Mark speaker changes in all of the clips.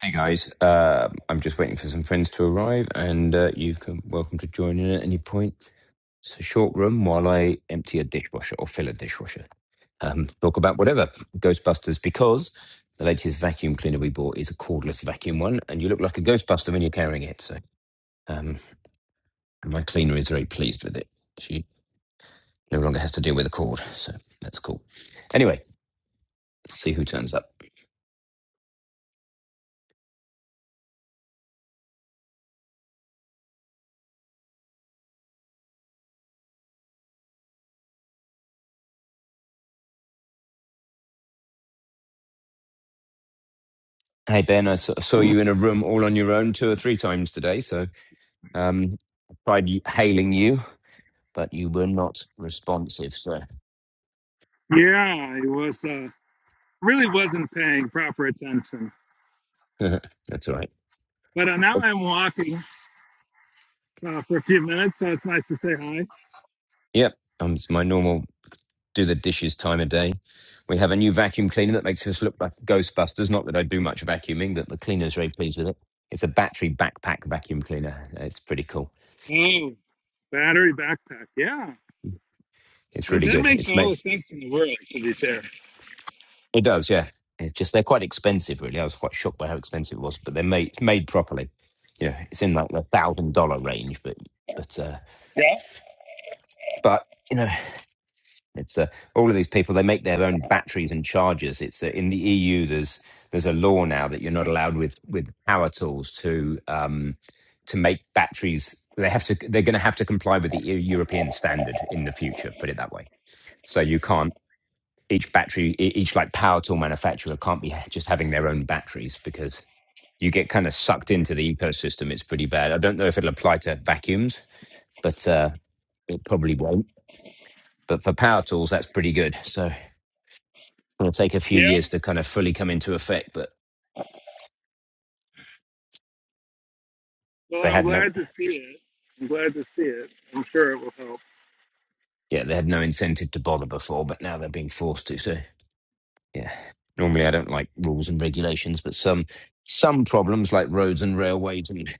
Speaker 1: Hey guys, uh, I'm just waiting for some friends to arrive, and uh, you can welcome to join in at any point. It's a short room while I empty a dishwasher or fill a dishwasher. Um, talk about whatever Ghostbusters because the latest vacuum cleaner we bought is a cordless vacuum one, and you look like a Ghostbuster when you're carrying it. So um, my cleaner is very pleased with it. She no longer has to deal with a cord, so that's cool. Anyway, see who turns up. Hey Ben, I s- saw you in a room all on your own two or three times today, so. Um, I tried y- hailing you, but you were not responsive, so
Speaker 2: Yeah, I was uh, really wasn't paying proper attention.
Speaker 1: that's all right.
Speaker 2: But uh, now
Speaker 1: Well,
Speaker 2: I'm walking uh, for a few minutes, so it's nice to say hi.
Speaker 1: yep, um, it's my normal do the dishes time of day. We have a new vacuum cleaner that makes us look like Ghostbusters. Not that I do much vacuuming, but the cleaner's very pleased with it. It's a battery backpack vacuum cleaner. It's pretty cool.
Speaker 2: Oh, battery backpack. Yeah,
Speaker 1: It's
Speaker 2: that,
Speaker 1: really
Speaker 2: that
Speaker 1: good.
Speaker 2: makes
Speaker 1: It's
Speaker 2: all
Speaker 1: made.
Speaker 2: the sense in the world, to be fair.
Speaker 1: It does, yeah. It's just they're quite expensive, really. I was quite shocked by how expensive it was, but they're made made properly. You know, it's in like the thousand dollar range, but but uh,
Speaker 2: Yeah.
Speaker 1: but you know. It's uh, all of these people. They make their own batteries and chargers. It's uh, in the EU. There's there's a law now that you're not allowed with with power tools to um, to make batteries. They have to. They're going to have to comply with the Eu- European standard in the future. Put it that way. So you can't. Each battery, e- each like power tool manufacturer can't be just having their own batteries because you get kind of sucked into the ecosystem. It's pretty bad. I don't know if it'll apply to vacuums, but uh, it probably won't. But for power tools, that's pretty good. So. It'll take a few
Speaker 2: Yeah.
Speaker 1: years to kind of fully come into effect, but
Speaker 2: Well,
Speaker 1: they
Speaker 2: I'm
Speaker 1: had no,
Speaker 2: glad to see it. I'm glad to see it. I'm sure it will help.
Speaker 1: yeah, they had no incentive to bother before, but now they're being forced to. So, yeah, normally I don't like rules and regulations, but some some problems like roads and railways and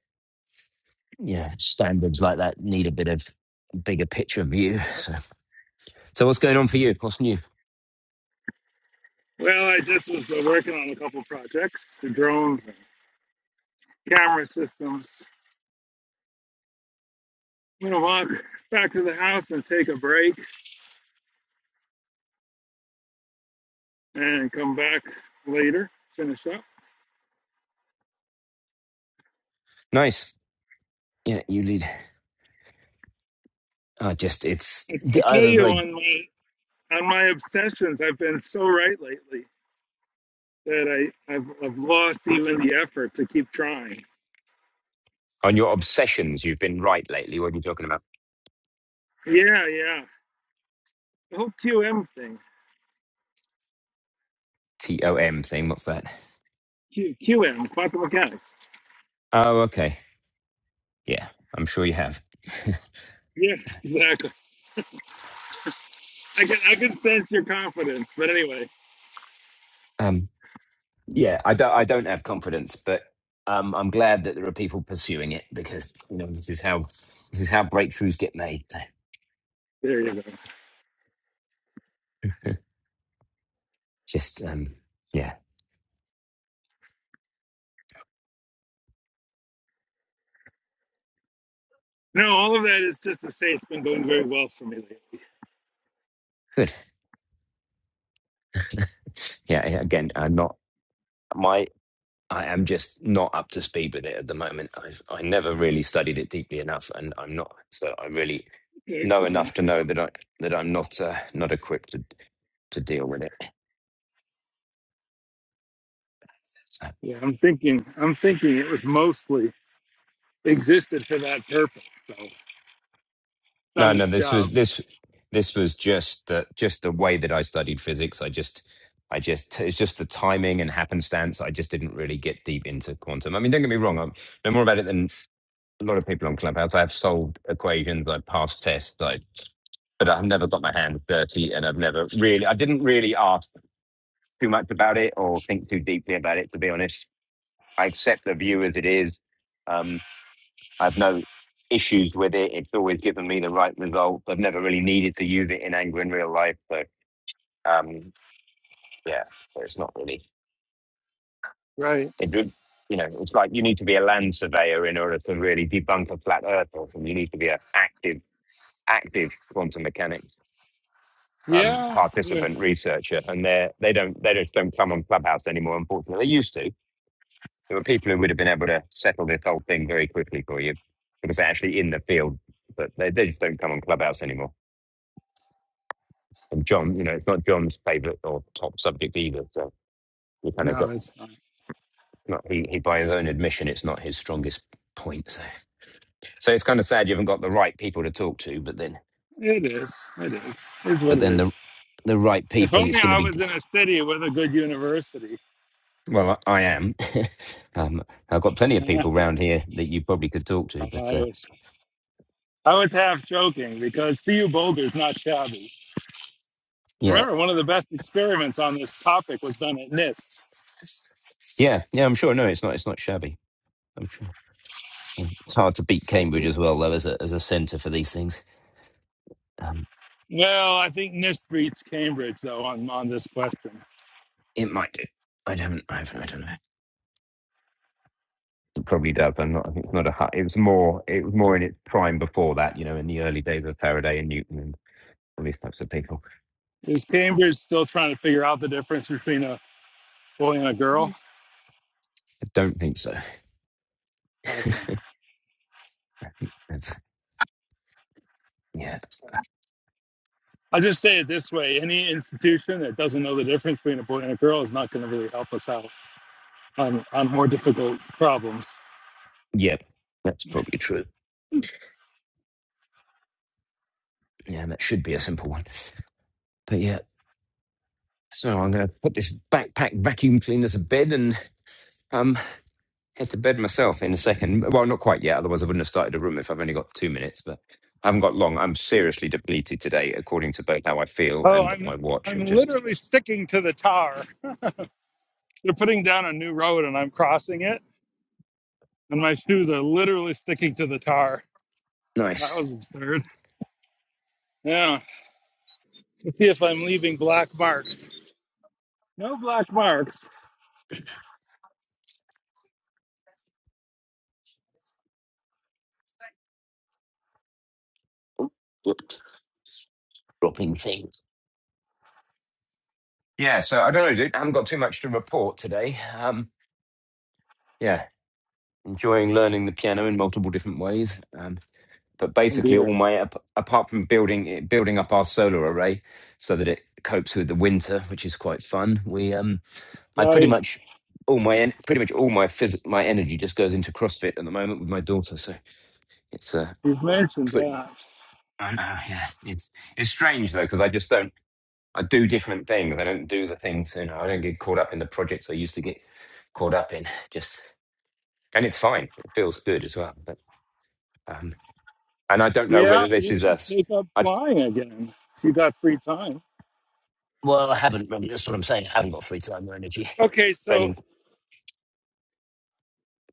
Speaker 1: yeah standards like that need a bit of bigger picture view. So, so what's going on for you? What's new?
Speaker 2: Well, I just was uh, working on a couple projects, drones and camera systems. I'm gonna walk back to the house and take a break, and come back later, finish up.
Speaker 1: Nice. Yeah, you lead. I just it's
Speaker 2: I, I
Speaker 1: I
Speaker 2: tell
Speaker 1: have a
Speaker 2: you
Speaker 1: very
Speaker 2: on my on my obsessions, I've been so right lately that I I've, I've lost even the effort to keep trying.
Speaker 1: on your obsessions. You've been right lately. What are you talking about?
Speaker 2: Yeah, yeah. The whole QM thing.
Speaker 1: T O M thing. What's that?
Speaker 2: Q, QM, quantum mechanics.
Speaker 1: Oh, okay. Yeah, I'm sure you have.
Speaker 2: Yeah, exactly. I can I can sense your confidence, but anyway,
Speaker 1: Um, yeah, I don't. I don't have confidence, but um, I'm glad that there are people pursuing it because you know this is how this is how breakthroughs get made. So
Speaker 2: there you go.
Speaker 1: Just um, yeah,
Speaker 2: No, all of that is just to say it's been going very well for me lately.
Speaker 1: good. Yeah, yeah, again, I'm not my. I am just not up to speed with it at the moment. I've I never really studied it deeply enough, and I'm not. So I really
Speaker 2: Okay, it's
Speaker 1: know
Speaker 2: okay.
Speaker 1: enough to know that I that I'm not uh, not equipped to to deal with it.
Speaker 2: Yeah, I'm thinking I'm thinking it was mostly existed for that purpose. So it's done
Speaker 1: No, no,
Speaker 2: its
Speaker 1: this
Speaker 2: job,
Speaker 1: was this this was just the just the way that I studied physics. I just I just it's just the timing and happenstance. I just didn't really get deep into quantum. I mean, don't get me wrong, I know more about it than a lot of people on Clubhouse. I've solved equations, I've passed tests, I but I've never got my hands dirty and I've never really I didn't really ask too much about it or think too deeply about it, to be honest. I accept the view as it is. Um, I've no issues with it. It's always given me the right results. I've never really needed to use it in anger in real life. So, um, yeah, so it's not really.
Speaker 2: right?
Speaker 1: It, would- you know, it's like you need to be a land surveyor in order to really debunk a flat Earth, or you need to be an active, active quantum mechanics um,
Speaker 2: Yeah, yeah.
Speaker 1: participant researcher. And they they don't they just don't come on Clubhouse anymore. Unfortunately, they used to. There were people who would have been able to settle this whole thing very quickly for you because they're actually in the field, but they, they just don't come on Clubhouse anymore. And John, you know, it's not John's favourite or top subject either. So we kind of
Speaker 2: No,
Speaker 1: got
Speaker 2: it's fine.
Speaker 1: not he, he by his own admission, it's not his strongest point. So, so it's kind of sad you haven't got the right people to talk to. But then,
Speaker 2: It is. It is. Is what
Speaker 1: but
Speaker 2: it
Speaker 1: then the
Speaker 2: is.
Speaker 1: the right
Speaker 2: If
Speaker 1: people, it's
Speaker 2: only
Speaker 1: going to
Speaker 2: I
Speaker 1: be.
Speaker 2: was in a city with a good university.
Speaker 1: Well, I, I am. um, I've got plenty of
Speaker 2: I
Speaker 1: people round here that you probably could talk to. But uh,
Speaker 2: was. I was half joking because CU Boulder is not shabby.
Speaker 1: yeah,
Speaker 2: Remember, one of the best experiments on this topic was done at NIST.
Speaker 1: yeah, yeah. I'm sure. No, it's not. It's not shabby. I'm sure. It's hard to beat
Speaker 2: I,
Speaker 1: Cambridge as well, though, as a as a centre for these things. Um,
Speaker 2: well, I think NIST beats Cambridge though on on this question.
Speaker 1: it might do. I haven't. I haven't. I don't know. probably does. I'm not. I think it's not a. hu- It was more. It was more in its prime before that. You know, in the early days of Faraday and Newton and all these types of people.
Speaker 2: Is Cambridge still trying to figure out the difference between a boy and a girl?
Speaker 1: I don't think so.
Speaker 2: Okay.
Speaker 1: I think that's yeah,
Speaker 2: I'll just say it this way: any institution that doesn't know the difference between a boy and a girl is not going to really help us out. on, on more difficult problems.
Speaker 1: yeah. That's probably true. Yeah, that should be a simple one. But yeah, so I'm going to put this backpack vacuum cleaner to bed and um head to bed myself in a second. Well, not quite yet. Otherwise, I wouldn't have started a room if I've only got two minutes. But I haven't got long. I'm seriously depleted today, according to both how I feel
Speaker 2: Oh,
Speaker 1: and
Speaker 2: I'm
Speaker 1: my watch. It
Speaker 2: I'm
Speaker 1: just
Speaker 2: literally sticking to the tar. They're putting down a new road and I'm crossing it, and my shoes are literally sticking to the tar. That
Speaker 1: nice.
Speaker 2: was absurd. Yeah, to see if I'm leaving black marks. No black marks.
Speaker 1: Whoops. Dropping things. Yeah, so I don't know, dude. I haven't got too much to report today. Um, yeah, enjoying learning the piano in multiple different ways. Um, but
Speaker 2: Oh
Speaker 1: basically,
Speaker 2: dear.
Speaker 1: all my ap- apart from building it, building up our solar array so that it copes with the winter, which is quite fun. We, um, I pretty
Speaker 2: Right,
Speaker 1: much all my en- pretty much all my phys- my energy just goes into CrossFit at the moment with my daughter. So it's uh,
Speaker 2: you've mentioned
Speaker 1: put,
Speaker 2: that.
Speaker 1: I know, yeah, it's it's strange though because I just don't. I do different things. I don't do the things, you know, I don't get caught up in the projects I used to get caught up in. Just, and it's fine. It feels good as well. But, um, and I don't know
Speaker 2: Yeah,
Speaker 1: whether this
Speaker 2: you
Speaker 1: is
Speaker 2: should
Speaker 1: us.
Speaker 2: take up
Speaker 1: I,
Speaker 2: flying again if you got free time.
Speaker 1: well, I haven't, really, that's what I'm saying. I haven't got free time or energy.
Speaker 2: Okay, so
Speaker 1: Spending,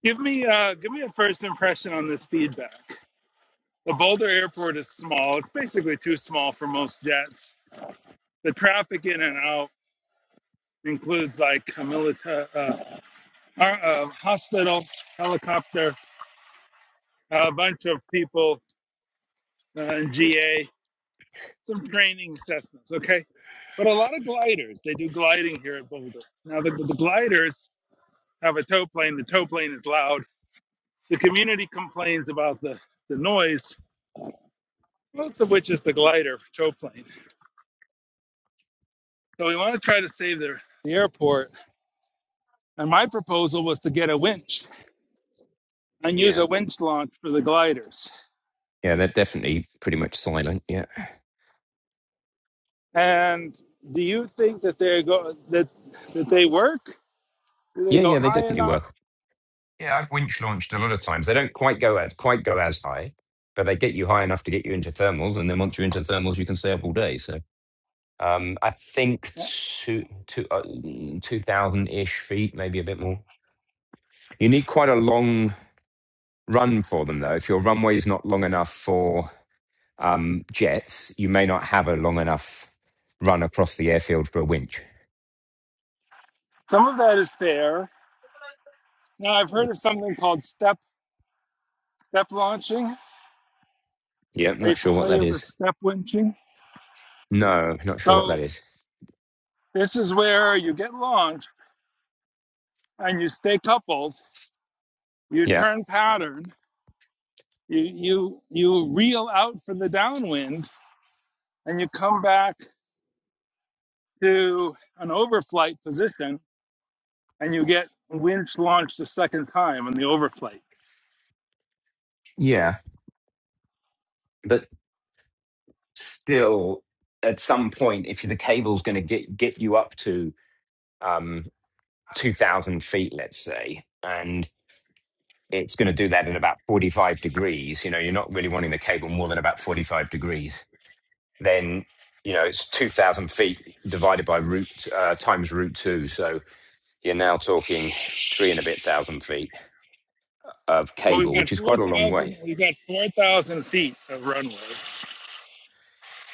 Speaker 2: give me uh, give me a first impression on this feedback. The Boulder Airport is small. It's basically too small for most jets. The traffic in and out includes like a military uh, uh, uh, hospital, helicopter, a bunch of people, uh, GA, some training Cessnas, okay? But a lot of gliders. They do gliding here at Boulder. Now, the, the gliders have a tow plane. The tow plane is loud. The community complains about the, the noise, most of which is the glider tow plane. So we want to try to save the, the airport And my proposal was to get a winch and use
Speaker 1: yeah.
Speaker 2: a winch launch for the gliders.
Speaker 1: Yeah, they're definitely pretty much silent. Yeah.
Speaker 2: And do you think that they go that that they work? Do they
Speaker 1: Yeah,
Speaker 2: go
Speaker 1: yeah, they
Speaker 2: high
Speaker 1: definitely
Speaker 2: enough?
Speaker 1: work. Yeah, I've winch launched a lot of times. They don't quite go as, quite go as high, but they get you high enough to get you into thermals. And then once you're into thermals, you can stay up all day. So. Um, I think
Speaker 2: Yeah.
Speaker 1: two two uh, two thousand ish feet, maybe a bit more. You need quite a long run for them, though. If your runway is not long enough for um, jets, you may not have a long enough run across the airfield for a winch.
Speaker 2: Some of that is fair. Now I've heard of something called step step launching.
Speaker 1: Yeah, I'm
Speaker 2: Are you
Speaker 1: not sure what that
Speaker 2: familiar with
Speaker 1: is.
Speaker 2: step winching?
Speaker 1: No, not sure what that
Speaker 2: So
Speaker 1: is.
Speaker 2: this is where you get launched and you stay coupled. You
Speaker 1: Yeah,
Speaker 2: turn pattern. You you you reel out from the downwind and you come back to an overflight position and you get winch launched the second time on the overflight.
Speaker 1: yeah, but still, at some point, if the cable's going to get get you up to um, two thousand feet, let's say. and it's going to do that at about 45 degrees, you know, you're not really wanting the cable more than about 45 degrees, then, you know, it's 2,000 feet divided by root, uh, times root two. So you're now talking three and a bit thousand feet of
Speaker 2: Well, we've
Speaker 1: cable,
Speaker 2: got
Speaker 1: which is
Speaker 2: four
Speaker 1: quite a long
Speaker 2: thousand.
Speaker 1: way.
Speaker 2: We've got four thousand feet of runway.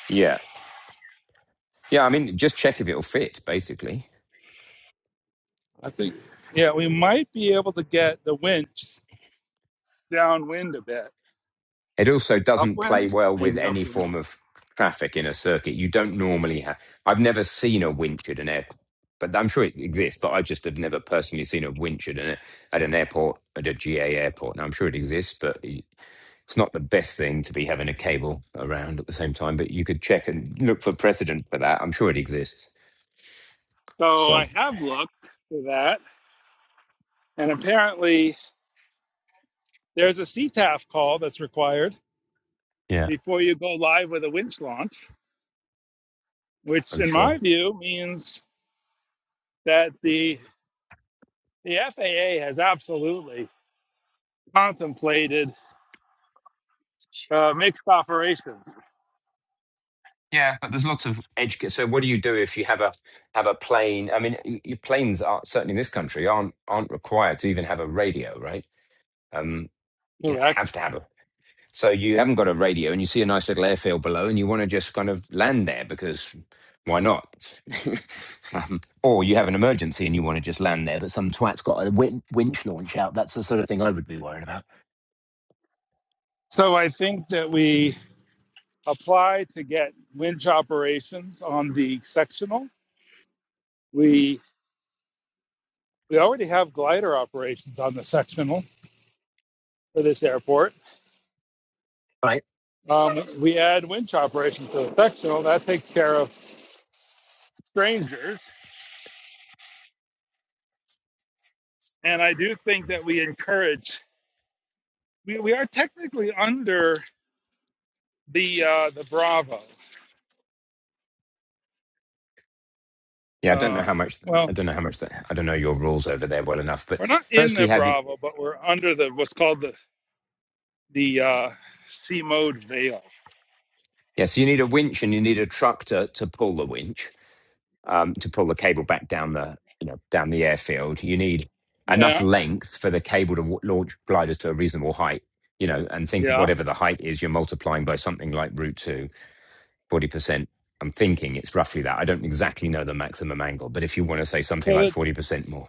Speaker 1: Yeah. Yeah. I mean, just check if it'll fit, basically.
Speaker 2: I think Yeah, we might be able to get the winch downwind a bit,
Speaker 1: It also doesn't play
Speaker 2: upwind,
Speaker 1: well with
Speaker 2: maybe
Speaker 1: any
Speaker 2: upwind.
Speaker 1: form of traffic in a circuit. You don't normally have. I've never seen a winch at an airport, but I'm sure it exists. But I just have never personally seen a winch at an at an airport at a GA airport. Now I'm sure it exists, but it's not the best thing to be having a cable around at the same time. But you could check and look for precedent for that. I'm sure it exists.
Speaker 2: So
Speaker 1: So
Speaker 2: I have looked for that, and apparently there's a CTAF call that's required
Speaker 1: yeah,
Speaker 2: before you go live with a winch launch, which
Speaker 1: I'm
Speaker 2: in
Speaker 1: sure.
Speaker 2: my view means that the the FAA has absolutely contemplated uh, mixed operations.
Speaker 1: Yeah, but there's lots of edge. ca- So, what do you do if you have a have a plane? I mean, y- your planes are certainly in this country aren't aren't required to even have a radio, right? Um, you don't have
Speaker 2: Correct.
Speaker 1: to have a. So you haven't got a radio, and you see a nice little airfield below, and you want to just kind of land there because why not? um, or you have an emergency and you want to just land there, but some twat's got a win- winch launch out. That's the sort of thing I would be worried about,
Speaker 2: So I think that we apply to get winch operations on the sectional. We we already have glider operations on the sectional for this airport.
Speaker 1: right?
Speaker 2: Um, we add winch operations to the sectional. That takes care of strangers. And I do think that we encourage. We, we are technically under the uh, the Bravo.
Speaker 1: Yeah, I don't know
Speaker 2: Uh,
Speaker 1: how much. I
Speaker 2: well,
Speaker 1: don't know how much that. I don't know your rules over there well enough, but
Speaker 2: we're not in
Speaker 1: firstly,
Speaker 2: the
Speaker 1: have you?
Speaker 2: Bravo, but we're under the what's called the the uh, C mode veil.
Speaker 1: Yeah, so you need a winch and you need a truck to to pull the winch, um, to pull the cable back down the you know down the airfield. You need enough
Speaker 2: Yeah,
Speaker 1: length for the cable to w- launch gliders to a reasonable height, you know, and think
Speaker 2: yeah.
Speaker 1: whatever the height is, you're multiplying by something like root two, forty percent. I'm thinking it's roughly that. I don't exactly know the maximum angle, but if you want to say something
Speaker 2: So
Speaker 1: like
Speaker 2: that
Speaker 1: 40% more.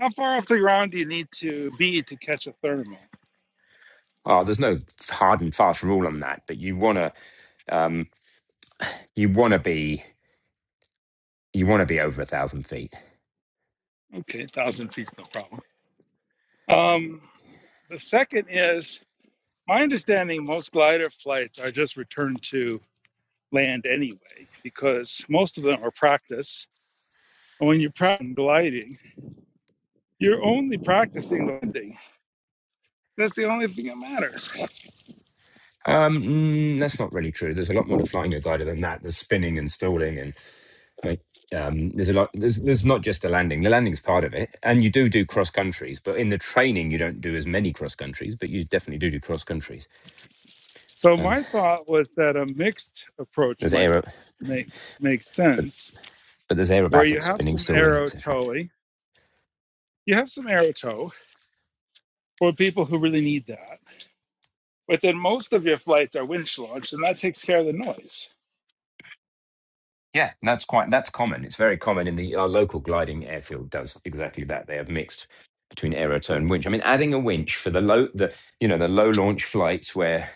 Speaker 2: how far off the ground do you need to be to catch a thermal?
Speaker 1: Oh, there's no hard and fast rule on that, but you wanna um, you wanna be you wanna be over a thousand feet
Speaker 2: Okay, one thousand feet's no problem. Um, the second is my understanding. Most glider flights are just returned to land anyway because most of them are practice. And when you're practicing gliding, you're only practicing landing. That's the only thing that matters.
Speaker 1: Um, mm, that's not really true. There's a lot more to flying a glider than that. There's spinning and stalling, and like, um, there's a lot. There's there's not just the landing. The landing's part of it, and you do do cross countries, but in the training you don't do as many cross countries, but you definitely do do cross countries.
Speaker 2: So
Speaker 1: Um,
Speaker 2: my thought was that a mixed approach
Speaker 1: there's
Speaker 2: might
Speaker 1: aero,
Speaker 2: make make sense
Speaker 1: but there's
Speaker 2: where you
Speaker 1: aerobatics,
Speaker 2: have
Speaker 1: spinning,
Speaker 2: some
Speaker 1: stalling,
Speaker 2: arrow
Speaker 1: etc.
Speaker 2: towing. You have some arrow tow for people who really need that. But then most of your flights are winch launched, and that takes care of the noise.
Speaker 1: Yeah, that's quite that's common. It's very common in the our local gliding airfield does exactly that. They have mixed between aerotone and winch. I mean, adding a winch for the low the you know the low launch flights where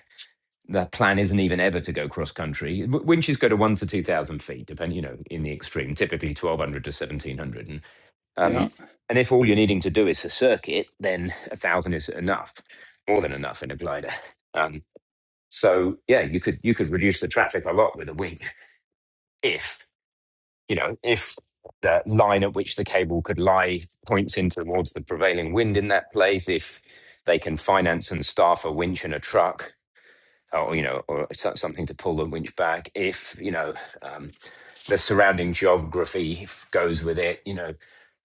Speaker 1: the plan isn't even ever to go cross country. Winches go to one to two thousand feet, depending, you know, in the extreme, typically twelve hundred to seventeen hundred. And
Speaker 2: Yeah.
Speaker 1: um, and if all you're needing to do is a circuit, then a thousand is enough, more than enough in a glider. Um, so yeah, you could you could reduce the traffic a lot with a wing if you know if the line at which the cable could lie points in towards the prevailing wind in that place. If they can finance and staff a winch and a truck, or you know, or so- something to pull the winch back if you know um, the surrounding geography f- goes with it. You know, and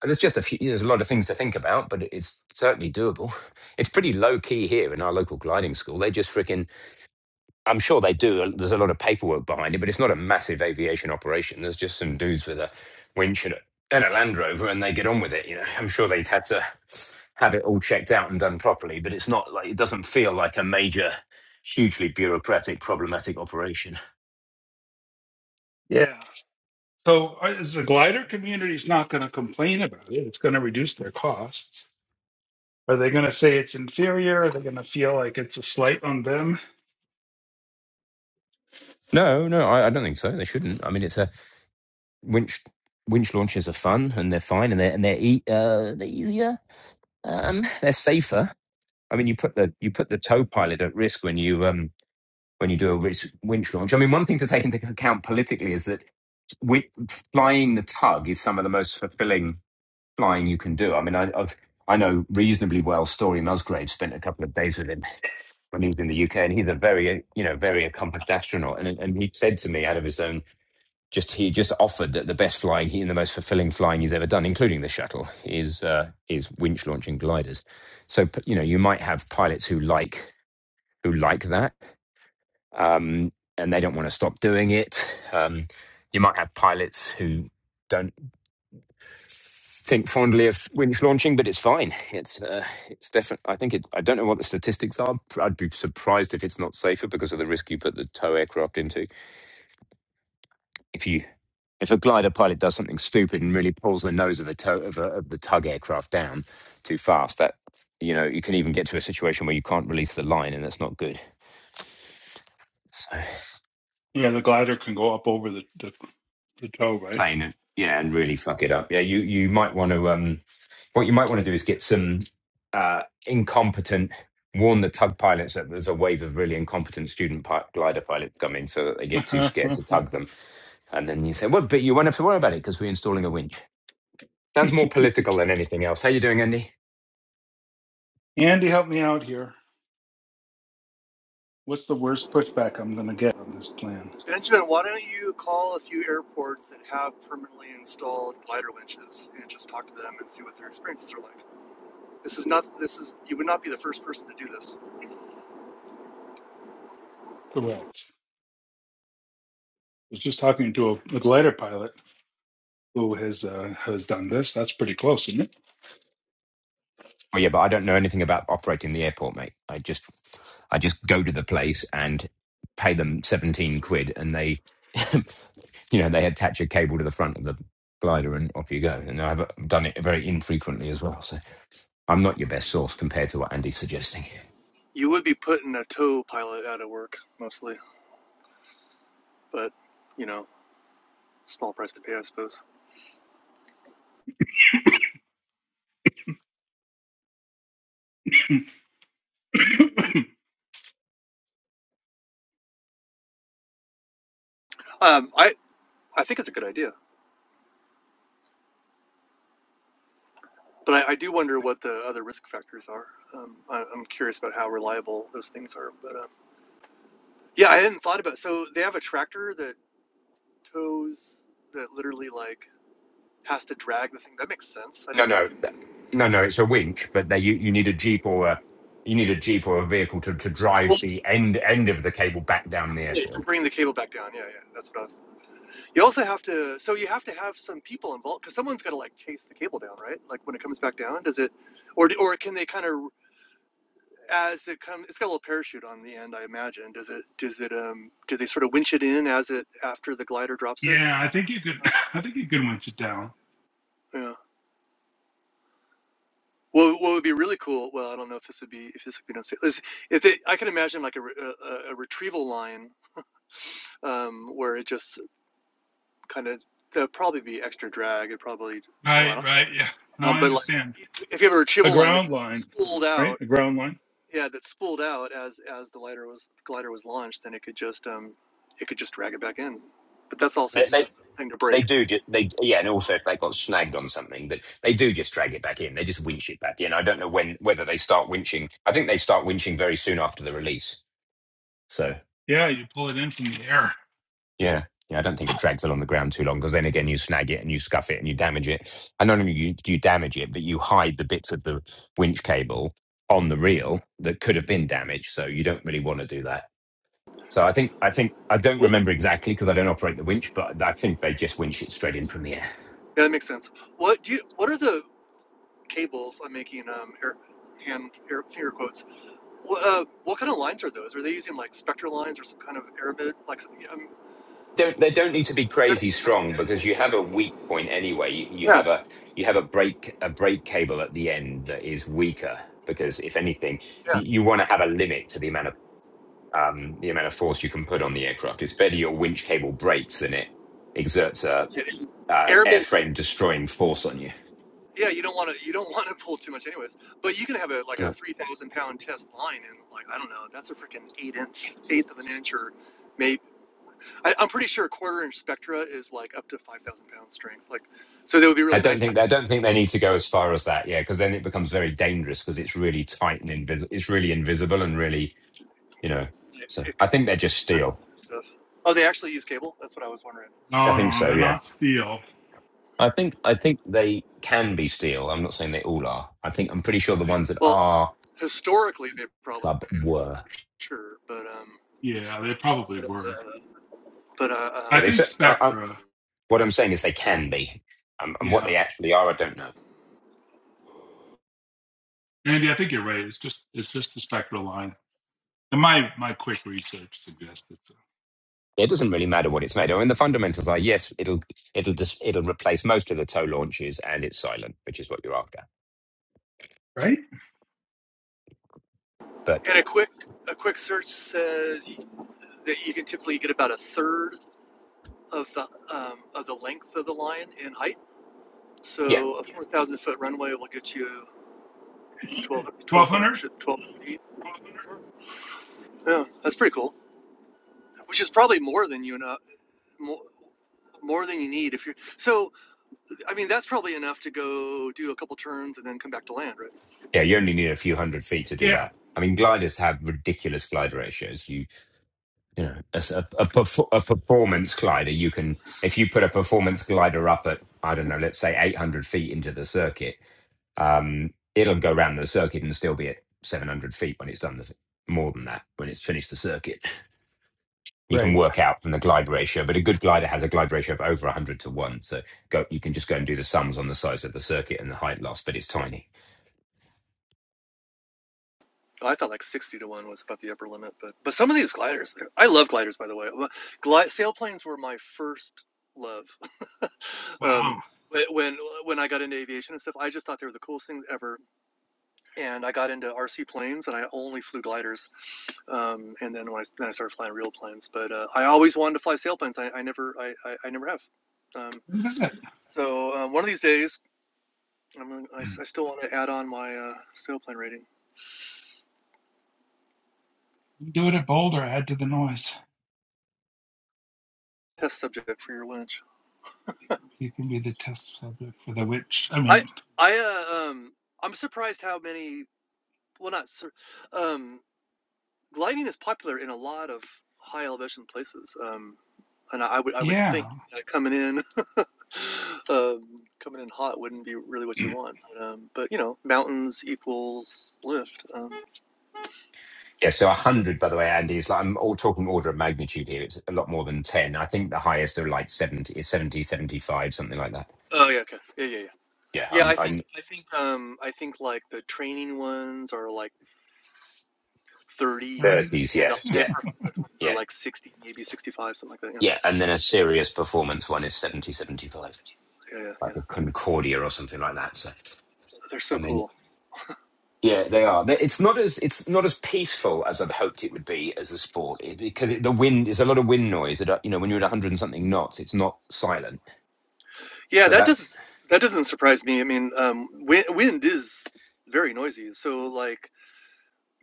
Speaker 1: there's just a few. There's a lot of things to think about, but it's certainly doable. It's pretty low key here in our local gliding school. They just freaking I'm sure they do. uh, There's a lot of paperwork behind it, but it's not a massive aviation operation. There's just some dudes with a winch and a, and a Land Rover, and they get on with it. You know, I'm sure they'd had to have it all checked out and done properly, but it's not like it doesn't feel like a major, hugely bureaucratic, problematic operation.
Speaker 2: Yeah. So uh, is the glider community's not going to complain about it. It's going to reduce their costs. Are they going to say it's inferior? Are they going to feel like it's a slight on them?
Speaker 1: No, no, I, I don't think so. They shouldn't. I mean, it's a winch. Winch launches are fun, and they're fine, and they're and they're, e- uh, they're easier. Um, they're safer. I mean, you put the you put the tow pilot at risk when you um when you do a wind winch launch. I mean, one thing to take into account politically is that wi- flying the tug is some of the most fulfilling flying you can do. I mean, I I've, I know reasonably well. Story Musgrave spent a couple of days with him when he was in the UK, and he's a very you know very accomplished astronaut. And and he said to me out of his own just he just offered that the best flying he and the most fulfilling flying he's ever done, including the shuttle, is uh, is winch launching gliders. So you know you might have pilots who like who like that um, and they don't want to stop doing it. Um, you might have pilots who don't think fondly of winch launching, but it's fine. It's uh, it's definitely. I think it. I don't know what the statistics are. I'd be surprised if it's not safer because of the risk you put the tow aircraft into. If you if a glider pilot does something stupid and really pulls the nose of a tow of, a, of the tug aircraft down too fast, that you know you can even get to a situation where you can't release the line, and that's not good. So
Speaker 2: Yeah, the glider can go up over the, the, the toe, right?
Speaker 1: playing it, yeah, and really fuck it up. Yeah, you you might want to um, what you might want to do is get some uh incompetent. Warn the tug pilots that there's a wave of really incompetent student pi- glider pilots coming, so that they get too scared to tug them. And then you say, "Well, but you won't have to worry about it because we're installing a winch." Sounds more political than anything else. How you doing, Andy?
Speaker 2: Andy, help me out here. What's the worst pushback I'm going to get on this plan?
Speaker 3: Benjamin, why don't you call a few airports that have permanently installed glider winches and just talk to them and see what their experiences are like? This is not, this is, you would not be the first person to do this.
Speaker 2: Correct. was just talking to a, a glider pilot who has uh, has done this. That's pretty close, isn't
Speaker 1: Oh yeah, but I don't know anything about operating the airport, mate. I just I just go to the place and pay them seventeen quid, and they, you know, they attach a cable to the front of the glider, and off you go. And I've done it very infrequently as well, so I'm not your best source compared to what Andy's suggesting.
Speaker 3: You would be putting a tow pilot out of work mostly, but you know, small price to pay, I suppose.
Speaker 2: it?
Speaker 3: Um, I, I think it's a good idea, but I, I do wonder what the other risk factors are. Um, I, I'm curious about how reliable those things are, but um, yeah, I hadn't thought about. it. So they have a tractor that tows that literally like has to drag the thing. That makes sense. I
Speaker 1: No,
Speaker 3: didn't
Speaker 1: no,
Speaker 3: even.
Speaker 1: no, no. It's a winch, but they you, you need a jeep or a you need a jeep or a vehicle to, to drive
Speaker 3: Well,
Speaker 1: the end end of the cable back down the
Speaker 3: wait,
Speaker 1: airfield.
Speaker 3: bring the cable back down. Yeah, yeah, that's what I was. You also have to. So you have to have some people involved because someone's got to like chase the cable down, right? Like when it comes back down, does it, or or can they kind of as it comes? It's got a little parachute on the end, I imagine. Does it? Does it? Um, do they sort of winch it in as it after the glider drops it?
Speaker 2: yeah, I think you could.
Speaker 3: Um,
Speaker 2: I think you could winch it down.
Speaker 3: yeah. Well, what would be really cool? Well, I don't know if this would be if this would be done. If it, I can imagine like a, a, a a retrieval line um, where it just kind of there'd probably be extra drag. It probably well, I
Speaker 2: Right,
Speaker 3: don't. know.
Speaker 2: right. Yeah. No,
Speaker 3: Um,
Speaker 2: I
Speaker 3: but like
Speaker 2: understand.
Speaker 3: if you have a
Speaker 2: A
Speaker 3: retrieval line that's
Speaker 2: ground line,
Speaker 3: spooled
Speaker 2: right?
Speaker 3: out,
Speaker 2: A ground line.
Speaker 3: yeah, that spooled out as as the glider was the glider was launched, then it could just um it could just drag it back in. But that's also
Speaker 1: They,
Speaker 3: just
Speaker 1: they,
Speaker 3: another thing to break.
Speaker 1: they do just they yeah, and also if they got snagged on something, but they do just drag it back in. They just winch it back in. I don't know when whether they start winching. I think they start winching very soon after the release. So
Speaker 2: Yeah, you pull it in from the air.
Speaker 1: yeah. Yeah, I don't think it drags along the ground too long because then again you snag it and you scuff it and you damage it. And not only you, do you damage it, but you hide the bits of the winch cable on the reel that could have been damaged. So you don't really want to do that. So I think I think I don't remember exactly because I don't operate the winch, but I think they just winch it straight in from the air.
Speaker 3: Yeah, that makes sense. What do you? What are the cables? I'm making um air hand air finger quotes. What uh, what kind of lines are those? Are they using like spectral lines or some kind of aramid? Like um,
Speaker 1: don't they don't need to be
Speaker 3: they're
Speaker 1: crazy strong because you have a weak point anyway. You, you
Speaker 3: yeah
Speaker 1: have a you have a break a brake cable at the end that is weaker because if anything, y- you want to have a limit to the amount of um, the amount of force you can put on the aircraft. It's better your winch cable breaks than it exerts a
Speaker 3: yeah.
Speaker 1: uh,
Speaker 3: Aramid
Speaker 1: airframe destroying force on you.
Speaker 3: Yeah, you don't want to you don't want to pull too much, anyways. But you can have a like a
Speaker 1: Right.
Speaker 3: three thousand pound test line, and like I don't know, that's a freaking eight inch, eighth of an inch, or maybe I, I'm pretty sure a quarter inch spectra is like up to five thousand pound strength. Like, so that would be
Speaker 1: I
Speaker 3: really
Speaker 1: don't
Speaker 3: nice to
Speaker 1: think
Speaker 3: have.
Speaker 1: I don't think they need to go as far as that. Yeah, because then it becomes very dangerous because it's really tight and invis- it's really invisible and really you know.
Speaker 3: It,
Speaker 1: So
Speaker 3: it
Speaker 1: I
Speaker 3: could
Speaker 1: think they're just steel.
Speaker 3: stuff. Oh, they actually use cable. That's what I was wondering.
Speaker 1: I
Speaker 2: No,
Speaker 1: think
Speaker 2: no,
Speaker 1: so.
Speaker 2: they're
Speaker 1: yeah.
Speaker 2: not steel.
Speaker 1: I think I think they can be steel. I'm not saying they all are. I think I'm pretty sure the
Speaker 2: Right.
Speaker 1: ones that
Speaker 3: Well,
Speaker 1: are
Speaker 3: historically they probably
Speaker 1: club were.
Speaker 3: sure, but um,
Speaker 2: Yeah, they probably
Speaker 3: but
Speaker 2: were.
Speaker 3: uh, but,
Speaker 1: Yeah,
Speaker 2: I
Speaker 3: uh, um,
Speaker 1: they.
Speaker 2: think
Speaker 1: cer- I, I,
Speaker 2: Spectra.
Speaker 1: what I'm saying is they can be, um, and what
Speaker 2: Yeah,
Speaker 1: they actually are, I don't know.
Speaker 2: Andy, I think you're right. It's just it's just a Spectra line. And my my quick research suggests it's a,
Speaker 1: It doesn't really matter what it's made of. And the fundamentals are yes, it'll it'll dis- it'll replace most of the tow launches, and it's silent, which is what you're after.
Speaker 2: right.
Speaker 1: But
Speaker 3: and a quick a quick search says that you can typically get about a third of the um, of the length of the line in height.
Speaker 1: yeah,
Speaker 3: So a four thousand foot runway will get you 12,
Speaker 2: Twelve hundred.
Speaker 3: 1200 12 feet. Yeah, that's pretty cool. Which is probably more than you know, more, more than you need if you're. So I mean, that's probably enough to go do a couple turns and then come back to land, right?
Speaker 1: yeah, you only need a few hundred feet to do
Speaker 2: Yeah.
Speaker 1: that. I mean, gliders have ridiculous glide ratios. You. you know a, s- a- a perf- a performance glider you can if you put a performance glider up at i don't know let's say 800 feet into the circuit um it'll go around the circuit and still be at 700 feet when it's done the, more than that when it's finished the circuit you can
Speaker 2: Right.
Speaker 1: work out from the glide ratio but a good glider has a glide ratio of over 100 to 1 so go you can just go and do the sums on the size of the circuit and the height loss but it's tiny
Speaker 3: Oh, I thought like sixty to one was about the upper limit, but but some of these gliders, I love gliders by the way. Glide sailplanes were my first love. um,
Speaker 2: Wow.
Speaker 3: when when I got into aviation and stuff, I just thought they were the coolest things ever. and I got into RC planes, and I only flew gliders. Um, and then when I then I started flying real planes, but uh, I always wanted to fly sailplanes. I, I never I, I, I never have. Um,
Speaker 2: What is it?
Speaker 3: so um, one of these days, I'm gonna, I, s- I still want to add on my uh, sailplane rating
Speaker 2: You Do it at Boulder, add to the noise.
Speaker 3: test subject for your winch.
Speaker 2: You can be the test subject for the witch. I
Speaker 3: I
Speaker 2: mean,
Speaker 3: I uh, um I'm surprised how many well not sur- um gliding is popular in a lot of high elevation places. Um, and I, I would I would think
Speaker 2: yeah,
Speaker 3: uh, coming in um, coming in hot wouldn't be really what you want. Um, but you know, mountains equals lift. Um,
Speaker 1: yeah, so 100, by the way, Andy, is like I'm all talking order of magnitude here. It's a lot more than 10. I think the highest are like 70, is 70, seventy-five, something like that.
Speaker 3: oh yeah, okay, yeah, yeah, yeah.
Speaker 1: Yeah,
Speaker 3: Yeah,
Speaker 1: I'm,
Speaker 3: I
Speaker 1: I'm
Speaker 3: think I think um, I think like the training ones are like thirty,
Speaker 2: dirty.
Speaker 1: 30s.
Speaker 3: and
Speaker 1: Yeah,
Speaker 3: the
Speaker 2: Hmm.
Speaker 1: yeah,
Speaker 3: highest performance ones are
Speaker 1: yeah,
Speaker 3: like sixty, maybe sixty-five, something like that. Yeah,
Speaker 1: yeah. And then a serious performance one is 70, 75,
Speaker 3: yeah, yeah. yeah.
Speaker 1: like a Concordia or something like that. So,
Speaker 3: They're
Speaker 1: I
Speaker 3: so
Speaker 1: mean,
Speaker 3: cool.
Speaker 1: Yeah, they are. They- It's not as it's not as peaceful as I'd hoped it would be as a sport it, because it, the wind there's a lot of wind noise. That, uh, you know, when you're at a hundred and something knots, it's not silent.
Speaker 3: Yeah,
Speaker 1: So
Speaker 3: that doesn't
Speaker 1: that's
Speaker 3: that doesn't surprise me. I mean, um, wind, wind is very noisy, so like.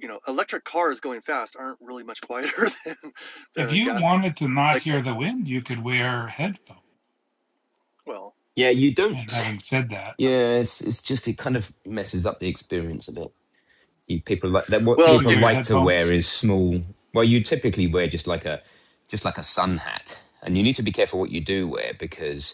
Speaker 3: You know, electric cars going fast aren't really much quieter than,
Speaker 2: If
Speaker 3: than
Speaker 2: you
Speaker 3: gas.
Speaker 2: wanted to not
Speaker 3: Like,
Speaker 2: hear the wind, you could wear headphones.
Speaker 3: well,
Speaker 1: yeah. You
Speaker 2: And
Speaker 1: don't.
Speaker 3: Sure.
Speaker 2: having said that,
Speaker 1: Yeah, it's it's just it kind of messes up the experience a bit. You, people like that. What
Speaker 2: if
Speaker 3: Well,
Speaker 2: you
Speaker 1: people
Speaker 2: wear
Speaker 3: it's
Speaker 1: like to wear
Speaker 2: headphones,
Speaker 1: is small. Well, you typically wear just like a just like a sun hat, and you need to be careful what you do wear because.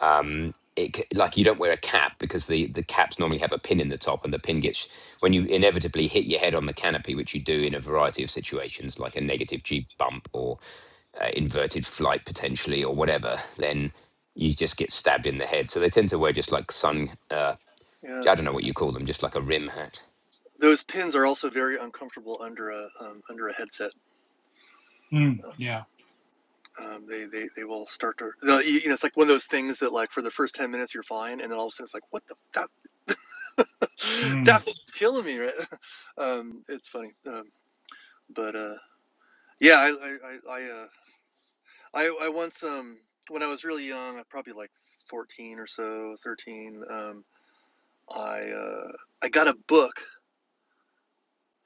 Speaker 1: um it, c- like you don't wear a cap because the the caps normally have a pin in the top and the pin gets when you inevitably hit your head on the canopy which you do in a variety of situations like a negative g bump or uh, inverted flight potentially or whatever then you just get stabbed in the head so they tend to wear just like sun uh,
Speaker 3: Yeah.
Speaker 1: i don't know what you call them just like a rim hat
Speaker 3: Those pins are also very uncomfortable under a um, under a headset.
Speaker 2: mm, yeah,
Speaker 3: Um, they, they they will start to they you know it's like one of those things that like for the first ten minutes you're fine and then all of a sudden it's like what the that that
Speaker 2: mm.
Speaker 3: thing's killing me right. um, it's funny, um, but uh, yeah, I I I I, uh, I I once um when I was really young, probably like fourteen or so, thirteen. Um, I uh, I got a book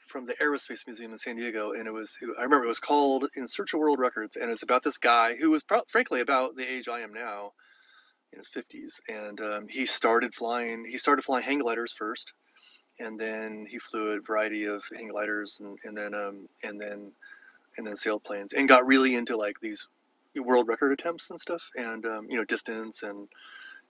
Speaker 3: from the Aerospace Museum in San Diego, and it was I remember it was called In Search of World Records, and it's about this guy who was pro- frankly about the age I am now in his 50s, and um, he started flying he started flying hang gliders first, and then he flew a variety of hang gliders, and, and then um, and then and then sailplanes, and got really into like these world record attempts and stuff, and um, you know distance and